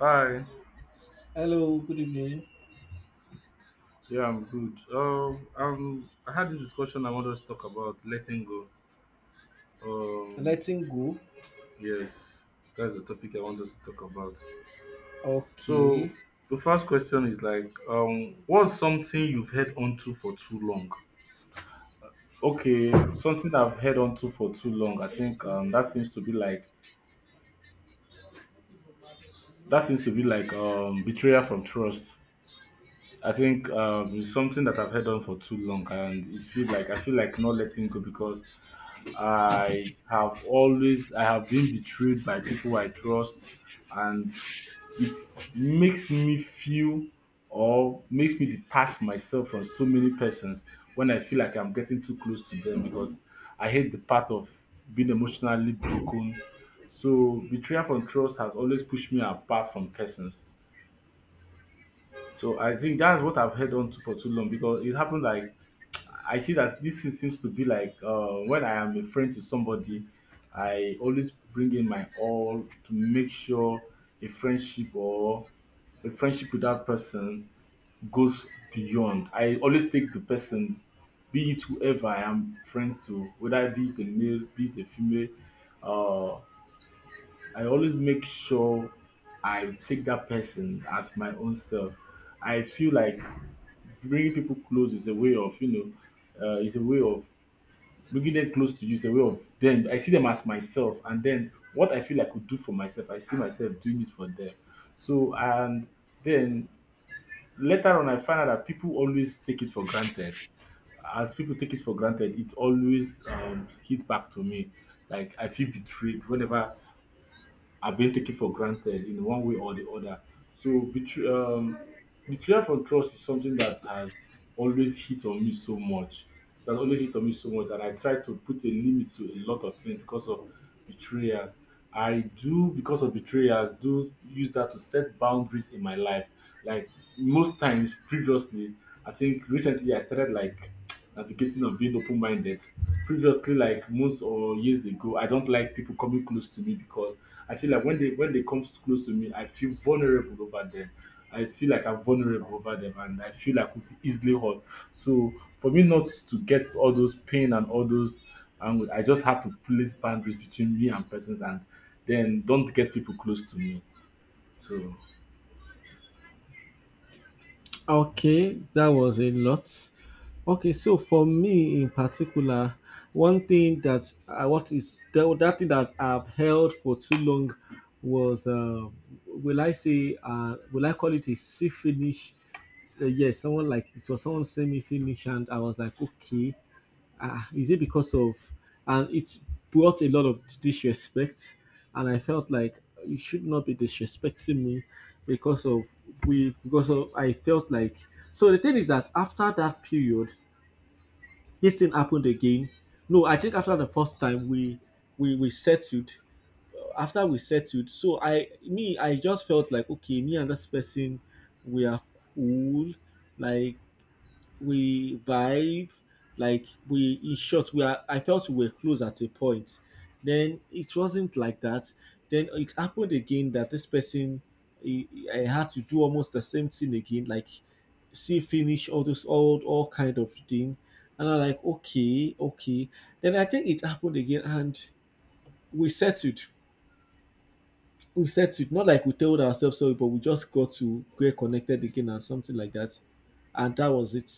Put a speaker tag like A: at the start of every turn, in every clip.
A: Hi.
B: Hello, good evening.
A: Yeah, I'm good. I had this discussion. I want us to talk about letting go. Um,
B: Letting go.
A: yes, that's the topic I want us to talk about.
B: Okay.
A: So the first question is like, what's something you've held onto for too long? Okay, something I've held onto for too long. I think that seems to be like betrayal from trust. I think it's something that I've held on for too long, and it feel like I feel like not letting go because I have been betrayed by people I trust, and it makes me feel, or makes me detach myself from so many persons when I feel like I'm getting too close to them, because I hate the part of being emotionally broken. So betrayal from trust has always pushed me apart from persons. So I think that's what I've held on to for too long, because it happened like I see that this thing seems to be like, when I am a friend to somebody, I always bring in my all to make sure a friendship, or a friendship with that person, goes beyond. I always take the person, be it whoever I am friends to, whether it be it a male, be it a female, uh, I always make sure I take that person as my own self. I feel like bringing people close is a way of, is a way of bringing them close to you. Is a way of them. I see them as myself, and then what I feel I could do for myself, I see myself doing it for them. So, and then later on, I find out that people always take it for granted. As people take it for granted, it always hits back to me. Like I feel betrayed whenever have been taken for granted in one way or the other. So betrayal from trust is something that has always hit on me so much. That always hit on me so much, and I try to put a limit to a lot of things because of betrayers. I do, because of betrayers, do use that to set boundaries in my life. Like most times previously, I think recently I started like navigating on being open minded. Previously, like months or years ago, I don't like people coming close to me because I feel like when they come close to me, I feel vulnerable over them. I feel like I'm vulnerable over them, and I feel like I could be easily hurt. So for me not to get all those pain and all those, and I just have to place boundaries between me and persons, and then don't get people close to me. So.
B: Okay, that was a lot. Okay, so for me in particular, one thing that I what is that, that thing that I've held for too long was will I say will I call it a see finish? Yes, someone like so someone sent me finish, and I was like okay. Ah, is it because of? And it brought a lot of disrespect, and I felt like you should not be disrespecting me because of, I felt like, so the thing is that after that period this thing happened again. No, I think after the first time we, we settled. After we settled, so I just felt like okay, me and this person, we are cool, like we vibe, like we, in short, we are, I felt we were close at a point, then it wasn't like that. Then it happened again that this person, I had to do almost the same thing again, like see finish, all those all kind of thing, and I'm like okay, okay. Then I think it happened again and we settled. We settled not like we told ourselves sorry, but we just got to get connected again and something like that, and that was it.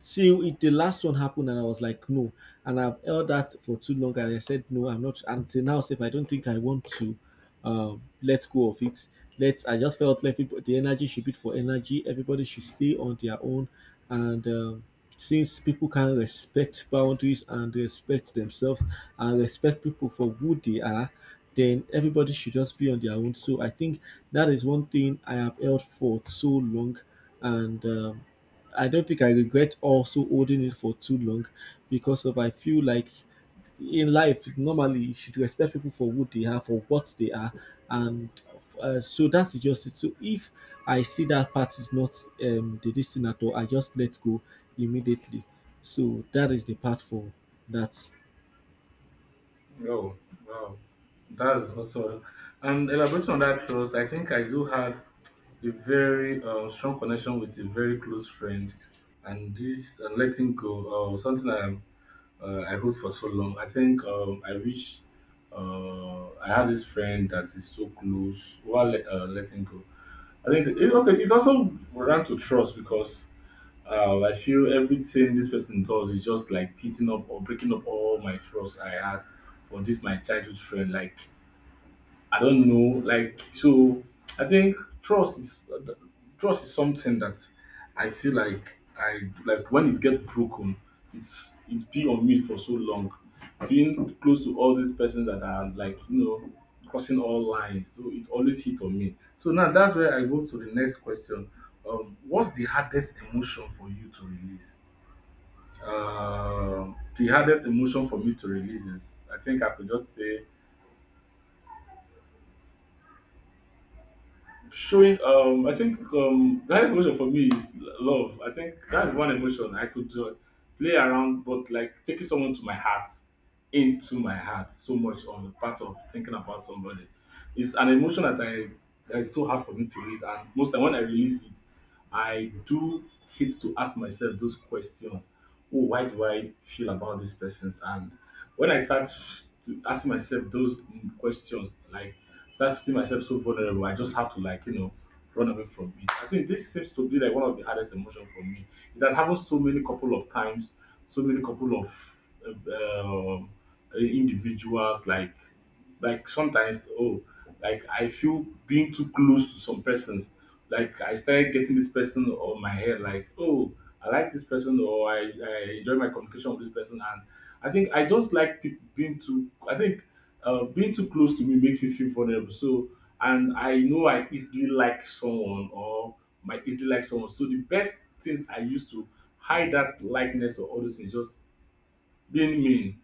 B: Till it, the last one happened, and I was like no. And I've held that for too long, and I said no, I'm not, until now. If I don't think I want to let go of it, let, I just felt like people, the energy should be for energy, everybody should stay on their own. And since people can respect boundaries and respect themselves and respect people for who they are, then everybody should just be on their own. So I think that is one thing I have held for so long. And I don't think I regret also holding it for too long, because of, I feel like in life normally you should respect people for who they are, for what they are, and so that's just it. So if I see that part is not the this thing at all, I just let go immediately. So that is the part for that.
A: Oh, wow. That's also, and elaborating on that trust, I think I do had a very strong connection with a very close friend, and this and letting go, something I hold for so long. I think I wish I had this friend that is so close while letting go. I think okay, it's also ran to trust because I feel everything this person does is just like beating up or breaking up all my trust I had for this my childhood friend. Like I don't know. Like so, I think trust is trust is something that I feel like I like when it gets broken, it's been on me for so long. Being close to all these persons that are like, you know, crossing all lines, so it always hit on me. So now that's where I go to the next question. What's the hardest emotion for you to release? The hardest emotion for me to release is, I think I could just say showing, I think that emotion for me is love. I think that's one emotion I could, play around, but like taking someone to my heart, into my heart so much, on the part of thinking about somebody, is an emotion that I that is so hard for me to release. And most time when I release it, I do hate to ask myself those questions. Oh, why do I feel about these persons? And when I start to ask myself those questions, like start seeing myself so vulnerable, I just have to like, you know, run away from it. I think this seems to be like one of the hardest emotion for me. It has happened so many couple of times, so many couple of uh, um, individuals, like sometimes, oh, like I feel being too close to some persons. Like I started getting this person on my head, like, oh, I like this person, or I enjoy my communication with this person. And I think I don't like people being too, I think being too close to me makes me feel vulnerable. So, and I know I easily like someone, or might easily like someone. So the best things I used to hide that likeness or all those things, just being mean.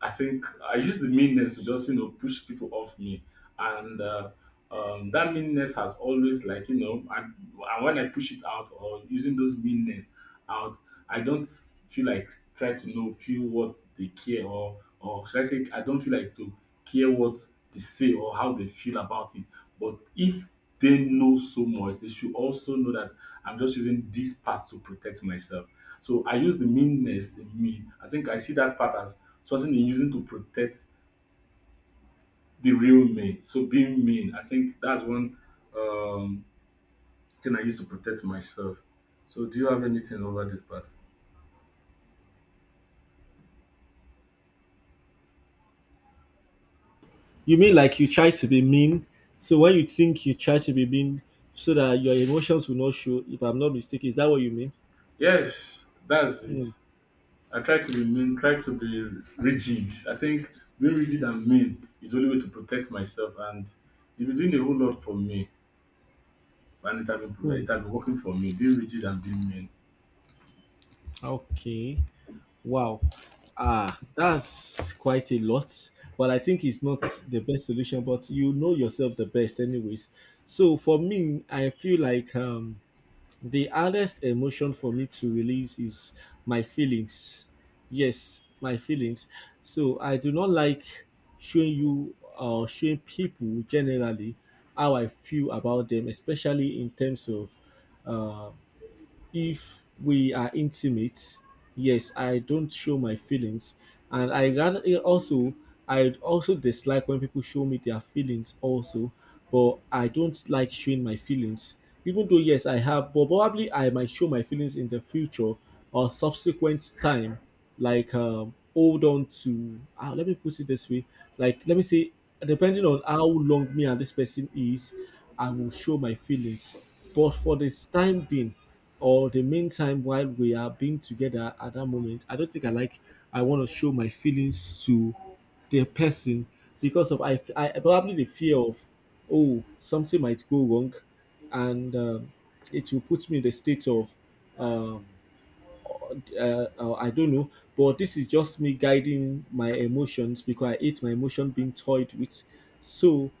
A: I think I use the meanness to just, you know, push people off me, and that meanness has always, like, you know, and when I push it out, or using those meanness out, I don't feel like try to know feel what they care, or should I say I don't feel like to care what they say or how they feel about it. But if they know so much, they should also know that I'm just using this part to protect myself. So I use the meanness in me. I think I see that part as something they're using to protect the real me. So being mean, I think that's one um, thing I use to protect myself. So do you have anything over this part?
B: You mean like you try to be mean? So when you think you try to be mean, so that your emotions will not show. If I'm not mistaken, is that what you mean?
A: Yes, that's it.
B: Mm,
A: I try to be mean, try to be rigid. I think being rigid and mean is the only way to protect myself, and it's been doing a whole lot for me, and
B: mm.
A: it has been working for me. Being rigid and being mean.
B: Okay. Wow. Ah, that's quite a lot, but I think it's not the best solution, but you know yourself the best anyways. So for me, I feel like the hardest emotion for me to release is my feelings. Yes, my feelings. So I do not like showing you or showing people generally how I feel about them, especially in terms of uh, if we are intimate. Yes, I don't show my feelings, and I rather also, I also dislike when people show me their feelings also. But I don't like showing my feelings, even though yes, I have, but probably I might show my feelings in the future or subsequent time. Like hold on to, ah, let me put it this way, like let me say, depending on how long me and this person is, I will show my feelings. But for this time being, or the meantime while we are being together at that moment, I don't think I want to show my feelings to the person, because of I probably the fear of, oh, something might go wrong. And it will put me in the state of um, I don't know. But this is just me guiding my emotions, because I hate my emotion being toyed with. So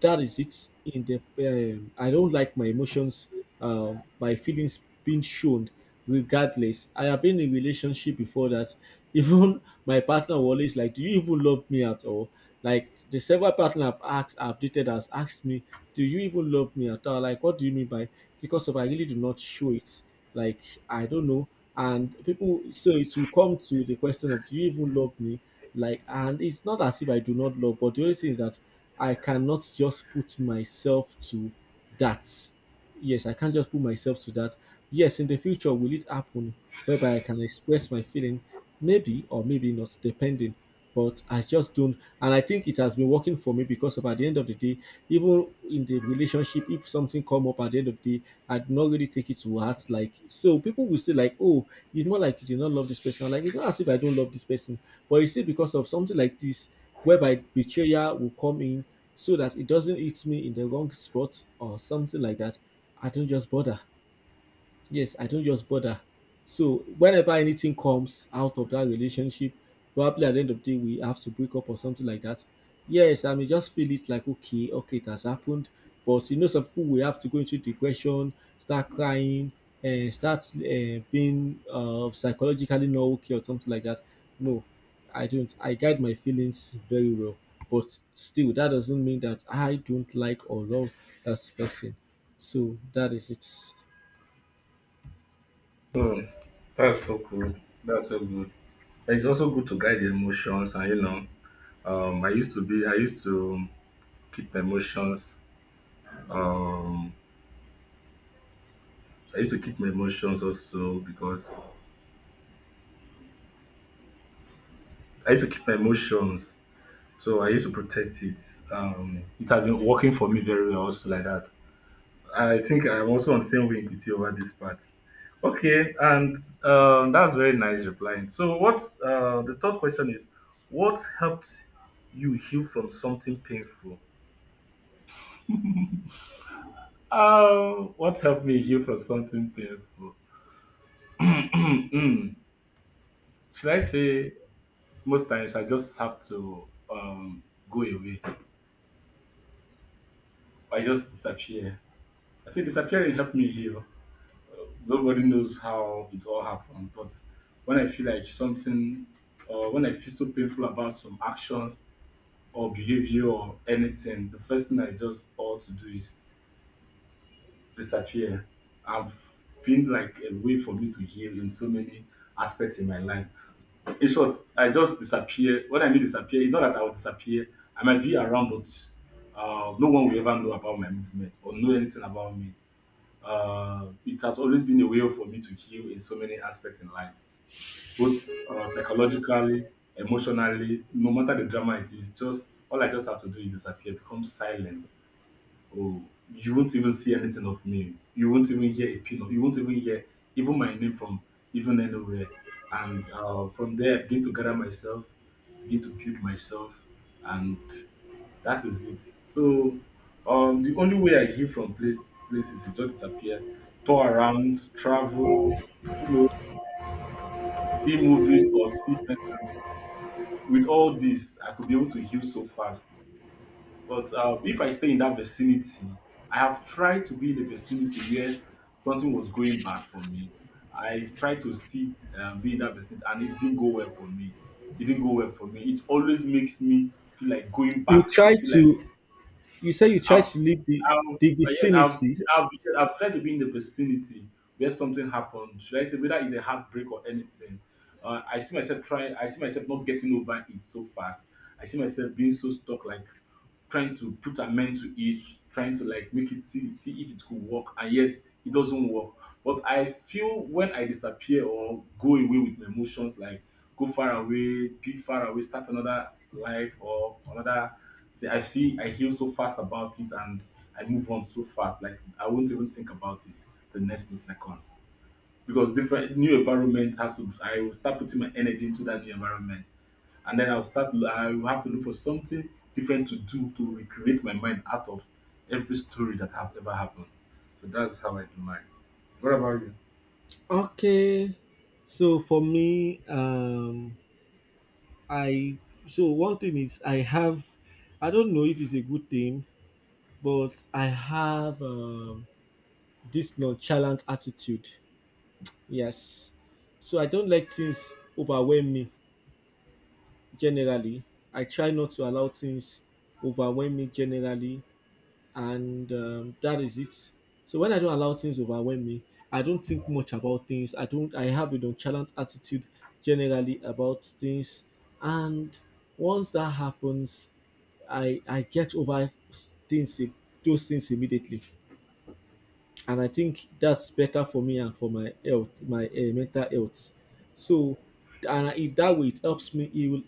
B: that is it. In the I don't like my emotions, my feelings being shown. Regardless, I have been in a relationship before that, even my partner will always like, do you even love me at all? Like the several partner I've dated has asked me, do you even love me at all? Like what do you mean by, because of I really do not show it, like I don't know. And people, so it will come to the question of, do you even love me? Like, and it's not as if I do not love, but the only thing is that I cannot just put myself to that. Yes, I can't just put myself to that. Yes, in the future, will it happen whereby I can express my feeling? Maybe or maybe not, depending. But I just don't. And I think it has been working for me, because of at the end of the day, even in the relationship, if something come up at the end of the day, I'd not really take it to heart. Like, so people will say, like, oh, it's not like you did not love this person. I'm like, it's not as if I don't love this person. But you see, because of something like this, whereby betrayal will come in, so that it doesn't hit me in the wrong spot or something like that, I don't just bother. Yes, I don't just bother. So whenever anything comes out of that relationship, probably at the end of the day we have to break up or something like that, yes, I may just feel it like okay, okay, it has happened. But you know, some people will have to go into depression, start crying, and start being psychologically not okay or something like that. No, I don't. I guide my feelings very well, but still, that doesn't mean that I don't like or love that person. So that is it.
A: Oh, that's so good. That's so good. And it's also good to guide the emotions, and you know, I used to be, I used to keep my emotions. Um, I used to keep my emotions also because I used to keep my emotions, so I used to protect it. It has been working for me very well, also like that. I think I'm also on the same wing with you over this part. Okay, and that's very nice replying. So, what's the third question is what helped you heal from something painful? What helped me heal from something painful? Mm, should I say most times I just have to go away? I just disappear. I think disappearing helped me heal. Nobody knows how it all happened. But when I feel like something, or when I feel so painful about some actions or behavior or anything, the first thing I just ought to do is disappear. I've been like a way for me to heal in so many aspects in my life. In short, I just disappear. When I mean disappear, it's not that I will disappear. I might be around, but no one will ever know about my movement or know anything about me. It has always been a way for me to heal in so many aspects in life, both psychologically, emotionally, no matter the drama it is, just all I just have to do is disappear, become silent. Oh, you won't even see anything of me. You won't even hear a pin of. You won't even hear even my name from even anywhere. And from there, I begin to gather myself, begin to build myself, and that is it. So the only way I hear from place places is just disappear, tour around, travel, you know, see movies or see persons. With all this, I could be able to heal so fast. But if I stay in that vicinity, I have tried to be in a vicinity where something was going bad for me. I've tried to sit, be in that vicinity, and it didn't go well for me. It didn't go well for me. It always makes me feel like going
B: You
A: back to
B: try
A: feel like
B: to, you say you try
A: I've,
B: to leave the
A: I've,
B: the
A: uh, yes,
B: vicinity.
A: I've, I've tried to be in the vicinity where something happened. Should I say whether it's a heartbreak or anything? I see myself trying. I see myself not getting over it so fast. I see myself being so stuck, like trying to put amend to it, trying to like make it see if it could work, and yet it doesn't work. But I feel when I disappear or go away with my emotions, like go far away, be far away, start another life or another thing. I see, I heal so fast about it and I move on so fast. Like I won't even think about it the next 2 seconds because different new environment has to. I will start putting my energy into that new environment, and then I'll start. I will have to look for something different to do to recreate my mind out of every story that have ever happened. So that's how I do mine. What about you?
B: Okay. So for me, I, so one thing is I have, I don't know if it's a good thing, but I have this nonchalant attitude. Yes. So I don't let things overwhelm me generally. I try not to allow things overwhelm me generally. And that is it. So when I don't allow things overwhelm me, I don't think much about things. I don't. I have a nonchalant attitude generally about things, and once that happens, I get over things im- those things immediately, and I think that's better for me and for my health, my mental health. So, and I, that way it helps me heal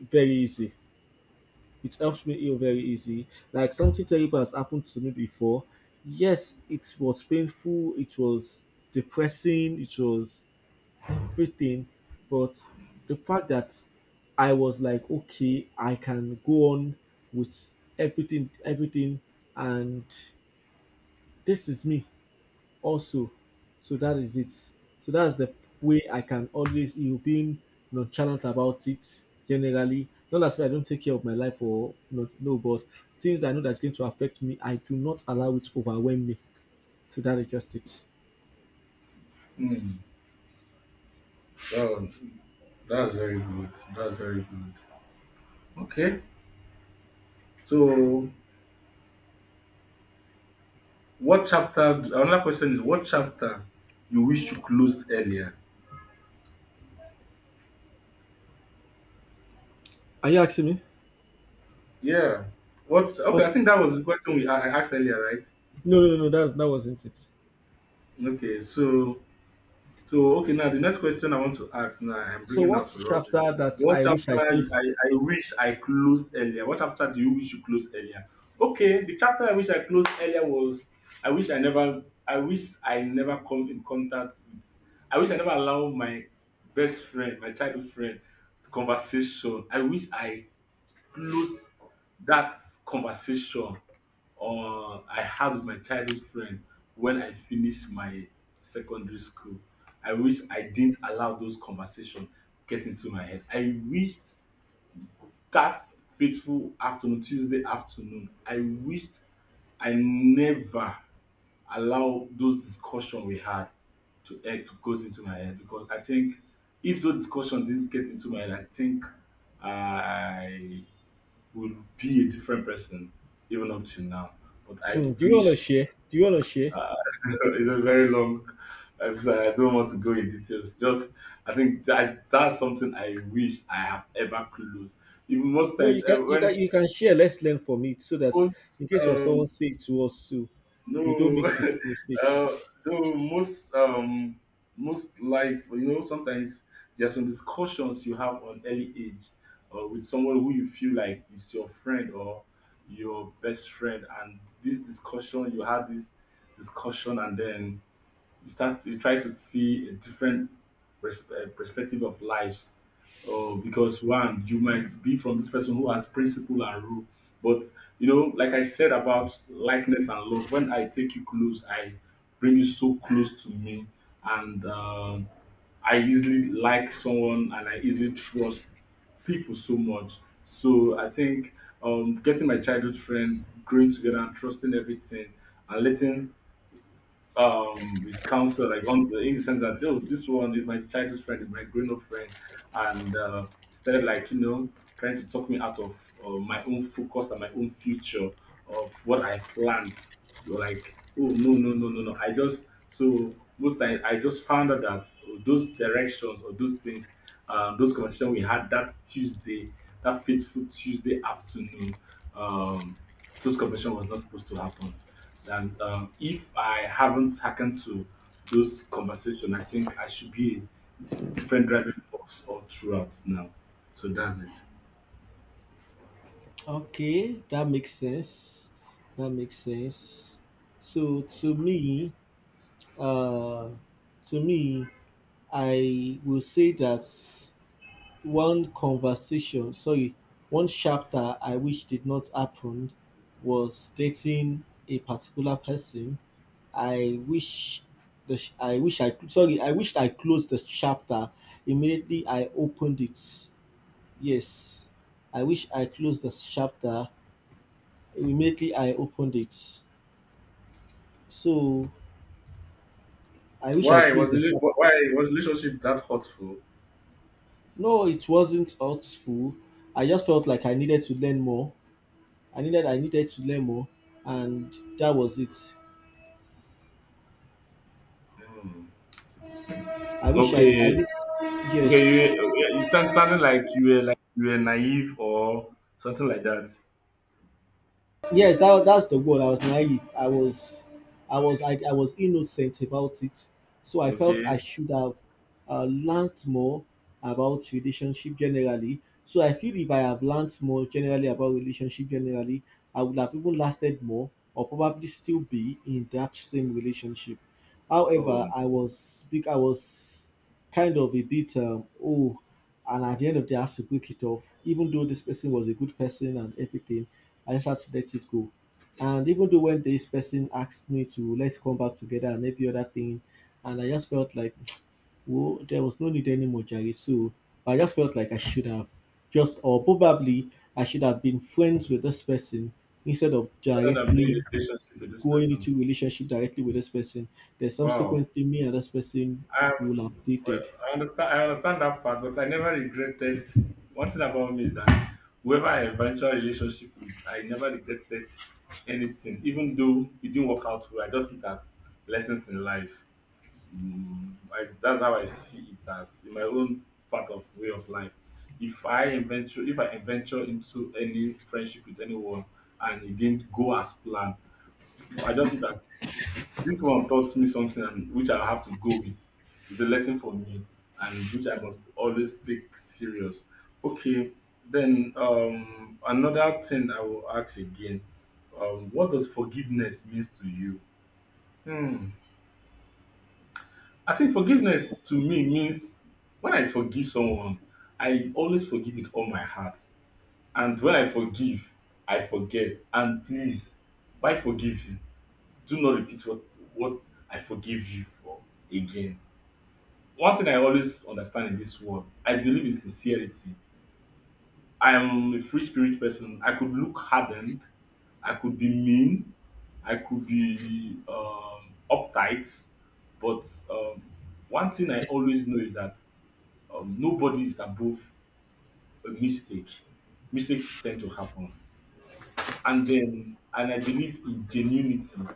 B: very easy. It helps me heal very easy. Like something terrible has happened to me before. Yes, it was painful, it was depressing, it was everything. But the fact that I was like, okay, I can go on with everything, everything, and this is me also. So that is it. So that's the way I can always, you know, being nonchalant about it generally. Not as if I don't take care of my life or not, no, but things that I know that's going to affect me, I do not allow it to overwhelm me. So that is just it.
A: Mm. Oh, that's very good. That's very good. Okay. So what chapter another question is what chapter you wish you closed earlier?
B: Are you asking me?
A: Yeah. What, okay,
B: Oh,
A: I think that was the question we I asked earlier, right?
B: no, no, no, that's, that wasn't it.
A: Okay, so so okay, now the next question I want to ask now, I'm
B: So
A: bringing out
B: what's
A: to us is
B: chapter that
A: what
B: I wish
A: chapter
B: I
A: I,
B: closed?
A: I wish I closed earlier? What chapter do you wish you closed earlier? Okay, the chapter I wish I closed earlier was I wish I never come in contact with, I wish I never allow my best friend, my childhood friend, conversation. I wish I close that conversation I had with my childhood friend when I finished my secondary school. I wish I didn't allow those conversations get into my head. I wished that fateful afternoon, Tuesday afternoon, I wished I never allow those discussion we had to head to goes into my head because I think if those discussion didn't get into my head, I think I would be a different person even up to now. But I
B: Mm, do you want to
A: wish.
B: share? Do you want to share?
A: It's a very long episode. I don't want to go in details. Just I think that that's something I wish I have ever closed. Even most
B: No, you
A: times eh,
B: can, you can,
A: when
B: you can share. Let's learn from it, so that
A: most
B: in case of someone say it to us too, we don't
A: no,
B: make the same mistake.
A: uh, though most most life, you know, sometimes there are some discussions you have on early age, with someone who you feel like is your friend or your best friend, and this discussion you had, this discussion, and then you try to see a different perspective of lives, because one you might be from this person who has principle and rule, but you know, like I said about likeness and love, when I take you close I bring you so close to me, and I easily like someone and I easily trust people so much, so I think, getting my childhood friend, growing together and trusting everything and letting his counsel, like on the in the sense that oh this one is my childhood friend, is my grown up friend, and started like, you know, trying to talk me out of my own focus and my own future of what I planned. So, like oh no no no no no, I just, so most time I just found out that oh, those directions or those things, those conversations we had that Tuesday, that fateful Tuesday afternoon, um those conversation was not supposed to happen, and if I haven't happened to those conversation, I think I should be a different driving force all throughout now. So that's it.
B: Okay, that makes sense. That makes sense. So uh, to me, I will say that one conversation, sorry, one chapter I wish did not happen was dating a particular person. I wish the sh- I wish I sorry, I wished I closed the chapter immediately I opened it. Yes. I wish I closed the chapter immediately I opened it. So I wish I
A: Why
B: closed
A: was
B: the
A: it?
B: shop.
A: Why was relationship that hurtful?
B: No, it wasn't hurtful. I just felt like I needed to learn more. I needed to learn more, and that was it. I wish I
A: Okay,
B: did
A: okay, you
B: Yes.
A: you sound sounding like you were, like you were naive or something like that.
B: Yes, that, that's the word, I was naive. I was innocent about it, so I felt
A: Okay,
B: I should have learned more about relationship generally. So I feel if I have learned more generally about relationship generally, I would have even lasted more, or probably still be in that same relationship. However,
A: go.
B: I was kind of a bit oh, and at the end of the day I have to break it off, even though this person was a good person and everything. I just had to let it go. And even though when this person asked me to let's come back together and every other thing, and I just felt like, well, there was no need anymore, Jerry. So I just felt like I should have just, or probably I should have been friends with this person instead of
A: I don't have any
B: directly
A: relationship with this
B: going
A: person.
B: into relationship directly with this person. Then
A: Wow.
B: subsequently, me and this person
A: Um,
B: will have
A: well,
B: dated.
A: I understand. I understand that part, but I never regretted. One thing about me is that whoever I eventual relationship with, I never regretted anything, even though it didn't work out well. I just see it as lessons in life. Mm, I, that's how I see it as in my own part of way of life. If I venture into any friendship with anyone and it didn't go as planned, I just see it as this one taught me something and which I have to go with. It's a lesson for me and which I must always take serious. Okay, then another thing I will ask again. What does forgiveness means to you? Hmm. I think forgiveness to me means when I forgive someone, I always forgive with all my heart. And when I forgive, I forget. And please, why forgive you? Do not repeat what I forgive you for again. One thing I always understand in this world, I believe in sincerity. I am a free spirit person. I could look hardened, I could be mean, I could be uptight, but one thing I always know is that nobody is above a mistake. Mistakes tend to happen, and then and I believe in genuinity.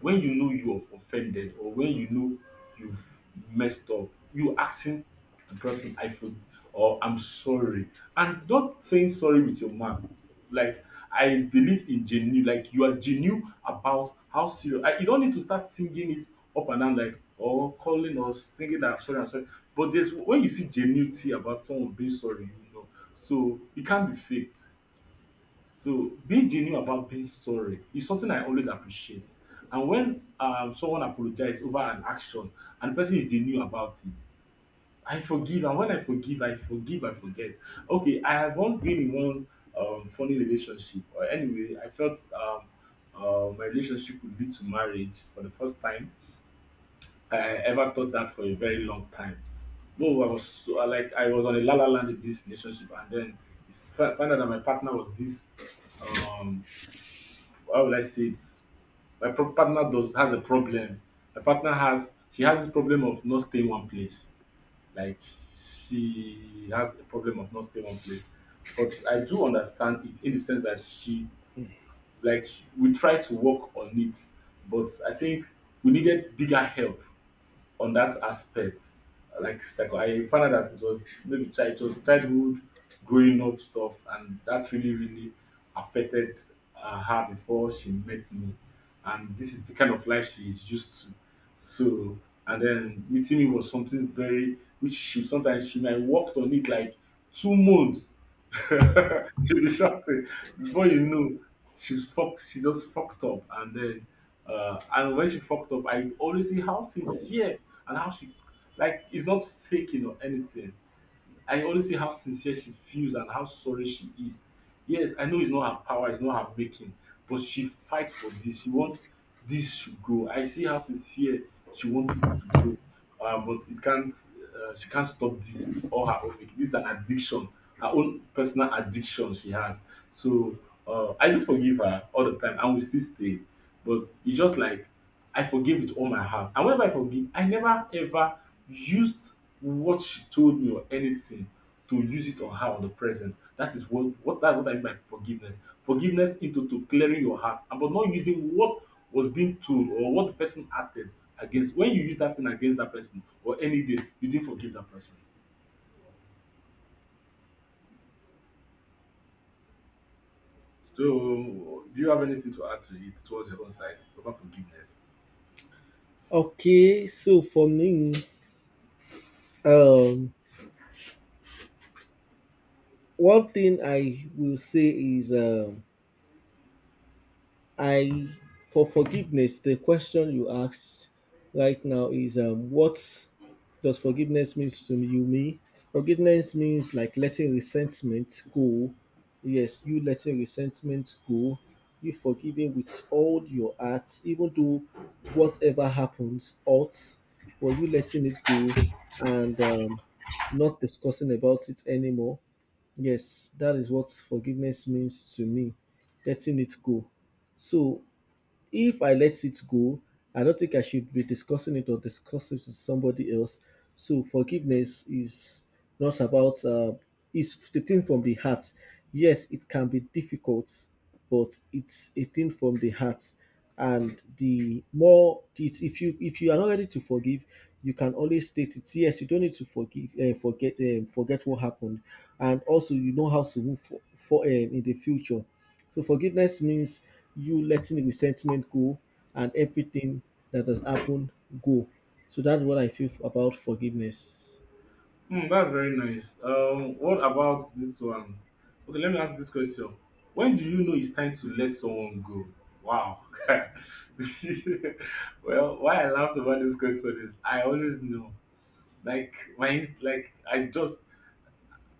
A: When you know you have offended or when you know you've messed up, you asking the person I for, or I'm sorry, and not saying sorry with your mouth, like I believe in genuine, like you are genuine about how serious I, you don't need to start singing it up and down like, or calling or singing that I'm sorry, I'm sorry, but there's when you see genuinity about someone being sorry, you know, so it can't be faked. So being genuine about being sorry is something I always appreciate. And when someone apologizes over an action and the person is genuine about it, I forgive. And when I forgive, I forgive, I forget. Okay, I have once been in one funny relationship. Or anyway, I felt my relationship would lead to marriage for the first time. I ever thought that for a very long time. No, I was so, I like I was on a la la land in this relationship, and then found out that my partner was this um how will I say it? Partner does has a problem. My partner has, she has this problem of not staying one place. Like she has a problem of not staying one place. But I do understand it in the sense that she, like we try to work on it, but I think we needed bigger help on that aspect. Like psycho, I found out that it was maybe child, it was childhood, growing up stuff, and that really really affected her before she met me. And this is the kind of life she is used to. So, and then meeting me was something very which she sometimes she might worked on it like 2 months. She'll be shouting before you know she's fucked. She just fucked up, and then and when she fucked up, I always see how sincere and how she, like it's not faking or anything. I always see how sincere she feels and how sorry she is. Yes, I know it's not her power, it's not her making, but she fights for this. She wants this to go. I see how sincere she wants it to go. But it can't. She can't stop this with all her own making. This is an addiction, her own personal addiction she has. So I do forgive her all the time, and we still stay. But it's just like I forgave with all my heart. And whenever I forgive, I never ever used what she told me or anything to use it on her or the present. That is what that, what I mean by forgiveness. Forgiveness into to clearing your heart, and but not using what was being told or what the person acted against. When you use that thing against that person or any day, you didn't forgive that person. So, do you have anything to add to it towards your own side about forgiveness?
B: Okay, so for me, um, one thing I will say is I for forgiveness, the question you asked right now is what does forgiveness means to you me? Forgiveness means like letting resentment go. Yes, you letting resentment go. You forgiving with all your heart, even though whatever happens, ought, but you letting it go. And not discussing about it anymore. Yes, that is what forgiveness means to me. Letting it go. So if I let it go, I don't think I should be discussing it or discuss it with somebody else. So forgiveness is not about is the thing from the heart. Yes, it can be difficult, but it's a thing from the heart. And the more it, if you are not ready to forgive, you can always state it. Yes, you don't need to forgive and forget, forget what happened, and also you know how to move for, in the future. So forgiveness means you letting resentment go and everything that has happened go. So that's what I feel about forgiveness.
A: Hmm, that's very nice. What about this one? Okay, let me ask this question. When do you know it's time to let someone go? Wow. Well, why I laughed about this question is I always know. Like I just,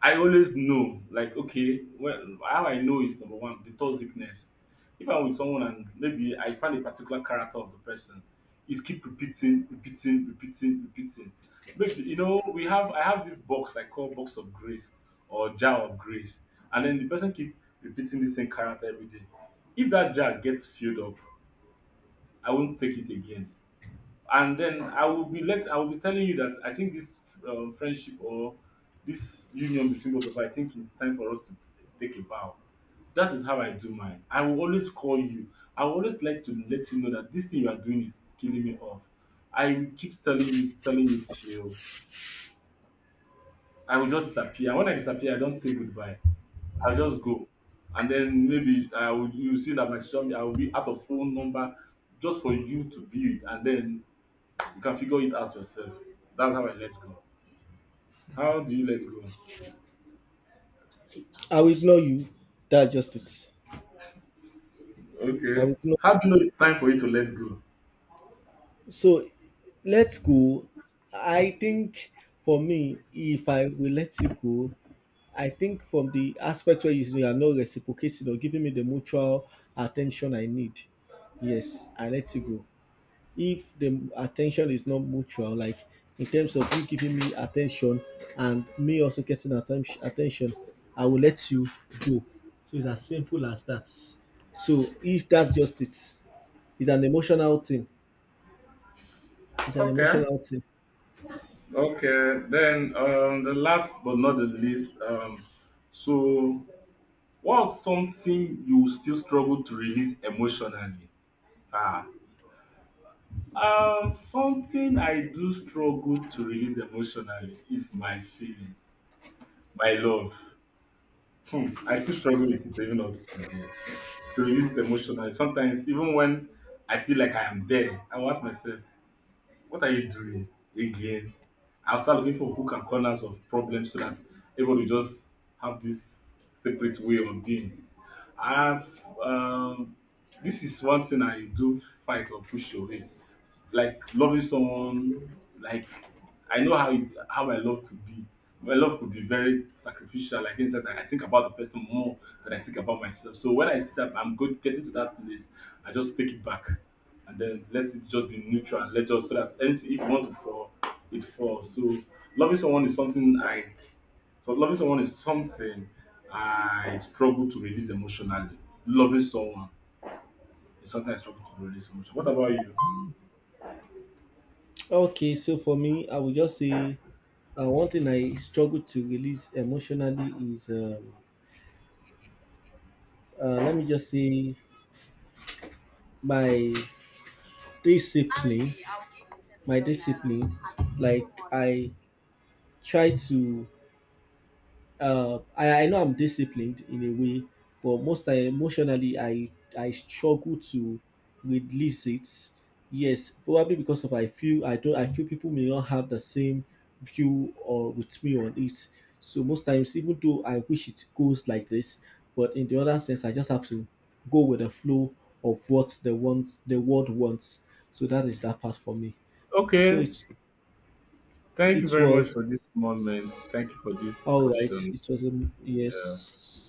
A: I always know, like, okay, well, how I know is number one, the sickness. If I'm with someone and maybe I find a particular character of the person, is keep repeating. Maybe you know we have, I have this box I call box of grace or jar of grace, and then the person keep repeating the same character every day. If that jar gets filled up, I won't take it again, and then I will be let, I will be telling you that I think this friendship or this union between both of us, I think it's time for us to take a bow. That is how I do mine. I will always call you. I will always like to let you know that this thing you are doing is killing me off. I will keep telling you, telling you, till I will just disappear. When I disappear, I don't say goodbye. I'll just go. And then maybe I will, you see that my social media I will be out of phone number just for you to be with. And then you can figure it out yourself. That's how I let go. How do you let go?
B: I will ignore you. That's just it. I will
A: Okay.
B: ignore.
A: How do you know it's time for you to let go?
B: So let's go. I think for me, if I will let you go, I think from the aspect where you are not reciprocating or giving me the mutual attention I need, yes, I let you go. If the attention is not mutual, like in terms of you giving me attention and me also getting attention, I will let you go. So it's as simple as that. So if that's just it, it's an emotional thing. It's an
A: Okay.
B: emotional thing.
A: Okay. Then the last but not the least. So, what's something you still struggle to release emotionally? Ah, something I do struggle to release emotionally is my feelings, my love. Hmm, I still struggle with it even up to today, to release emotionally. Sometimes, even when I feel like I am there, I will ask myself, what are you doing again? I'll start looking for hook and corners of problems so that everybody just have this separate way of being. I've This is one thing I do fight or push away, like loving someone, like I know how it, how my love could be. My love could be very sacrificial, like inside that I think about the person more than I think about myself. So when I see that I'm good getting to that place, I just take it back and then let it just be neutral and let just so that anything if you want to fall, it falls. So loving someone is something I so loving someone is something I struggle to release emotionally. Loving someone is something I struggle to release emotionally. What about you?
B: Okay, so for me, I would just say one thing I struggle to release emotionally is let me just say my discipline. My discipline, like I try to I know I'm disciplined in a way, but most time emotionally I struggle to release it. Yes, probably because of I feel I feel people may not have the same view or with me on it. So most times, even though I wish it goes like this, but in the other sense, I just have to go with the flow of what the wants the world wants. So that is that part for me. So
A: Okay.
B: it
A: Thank you
B: it
A: very much
B: was,
A: for this moment. Thank you for this
B: all right,
A: discussion.
B: it was a,
A: Uh,
B: yes.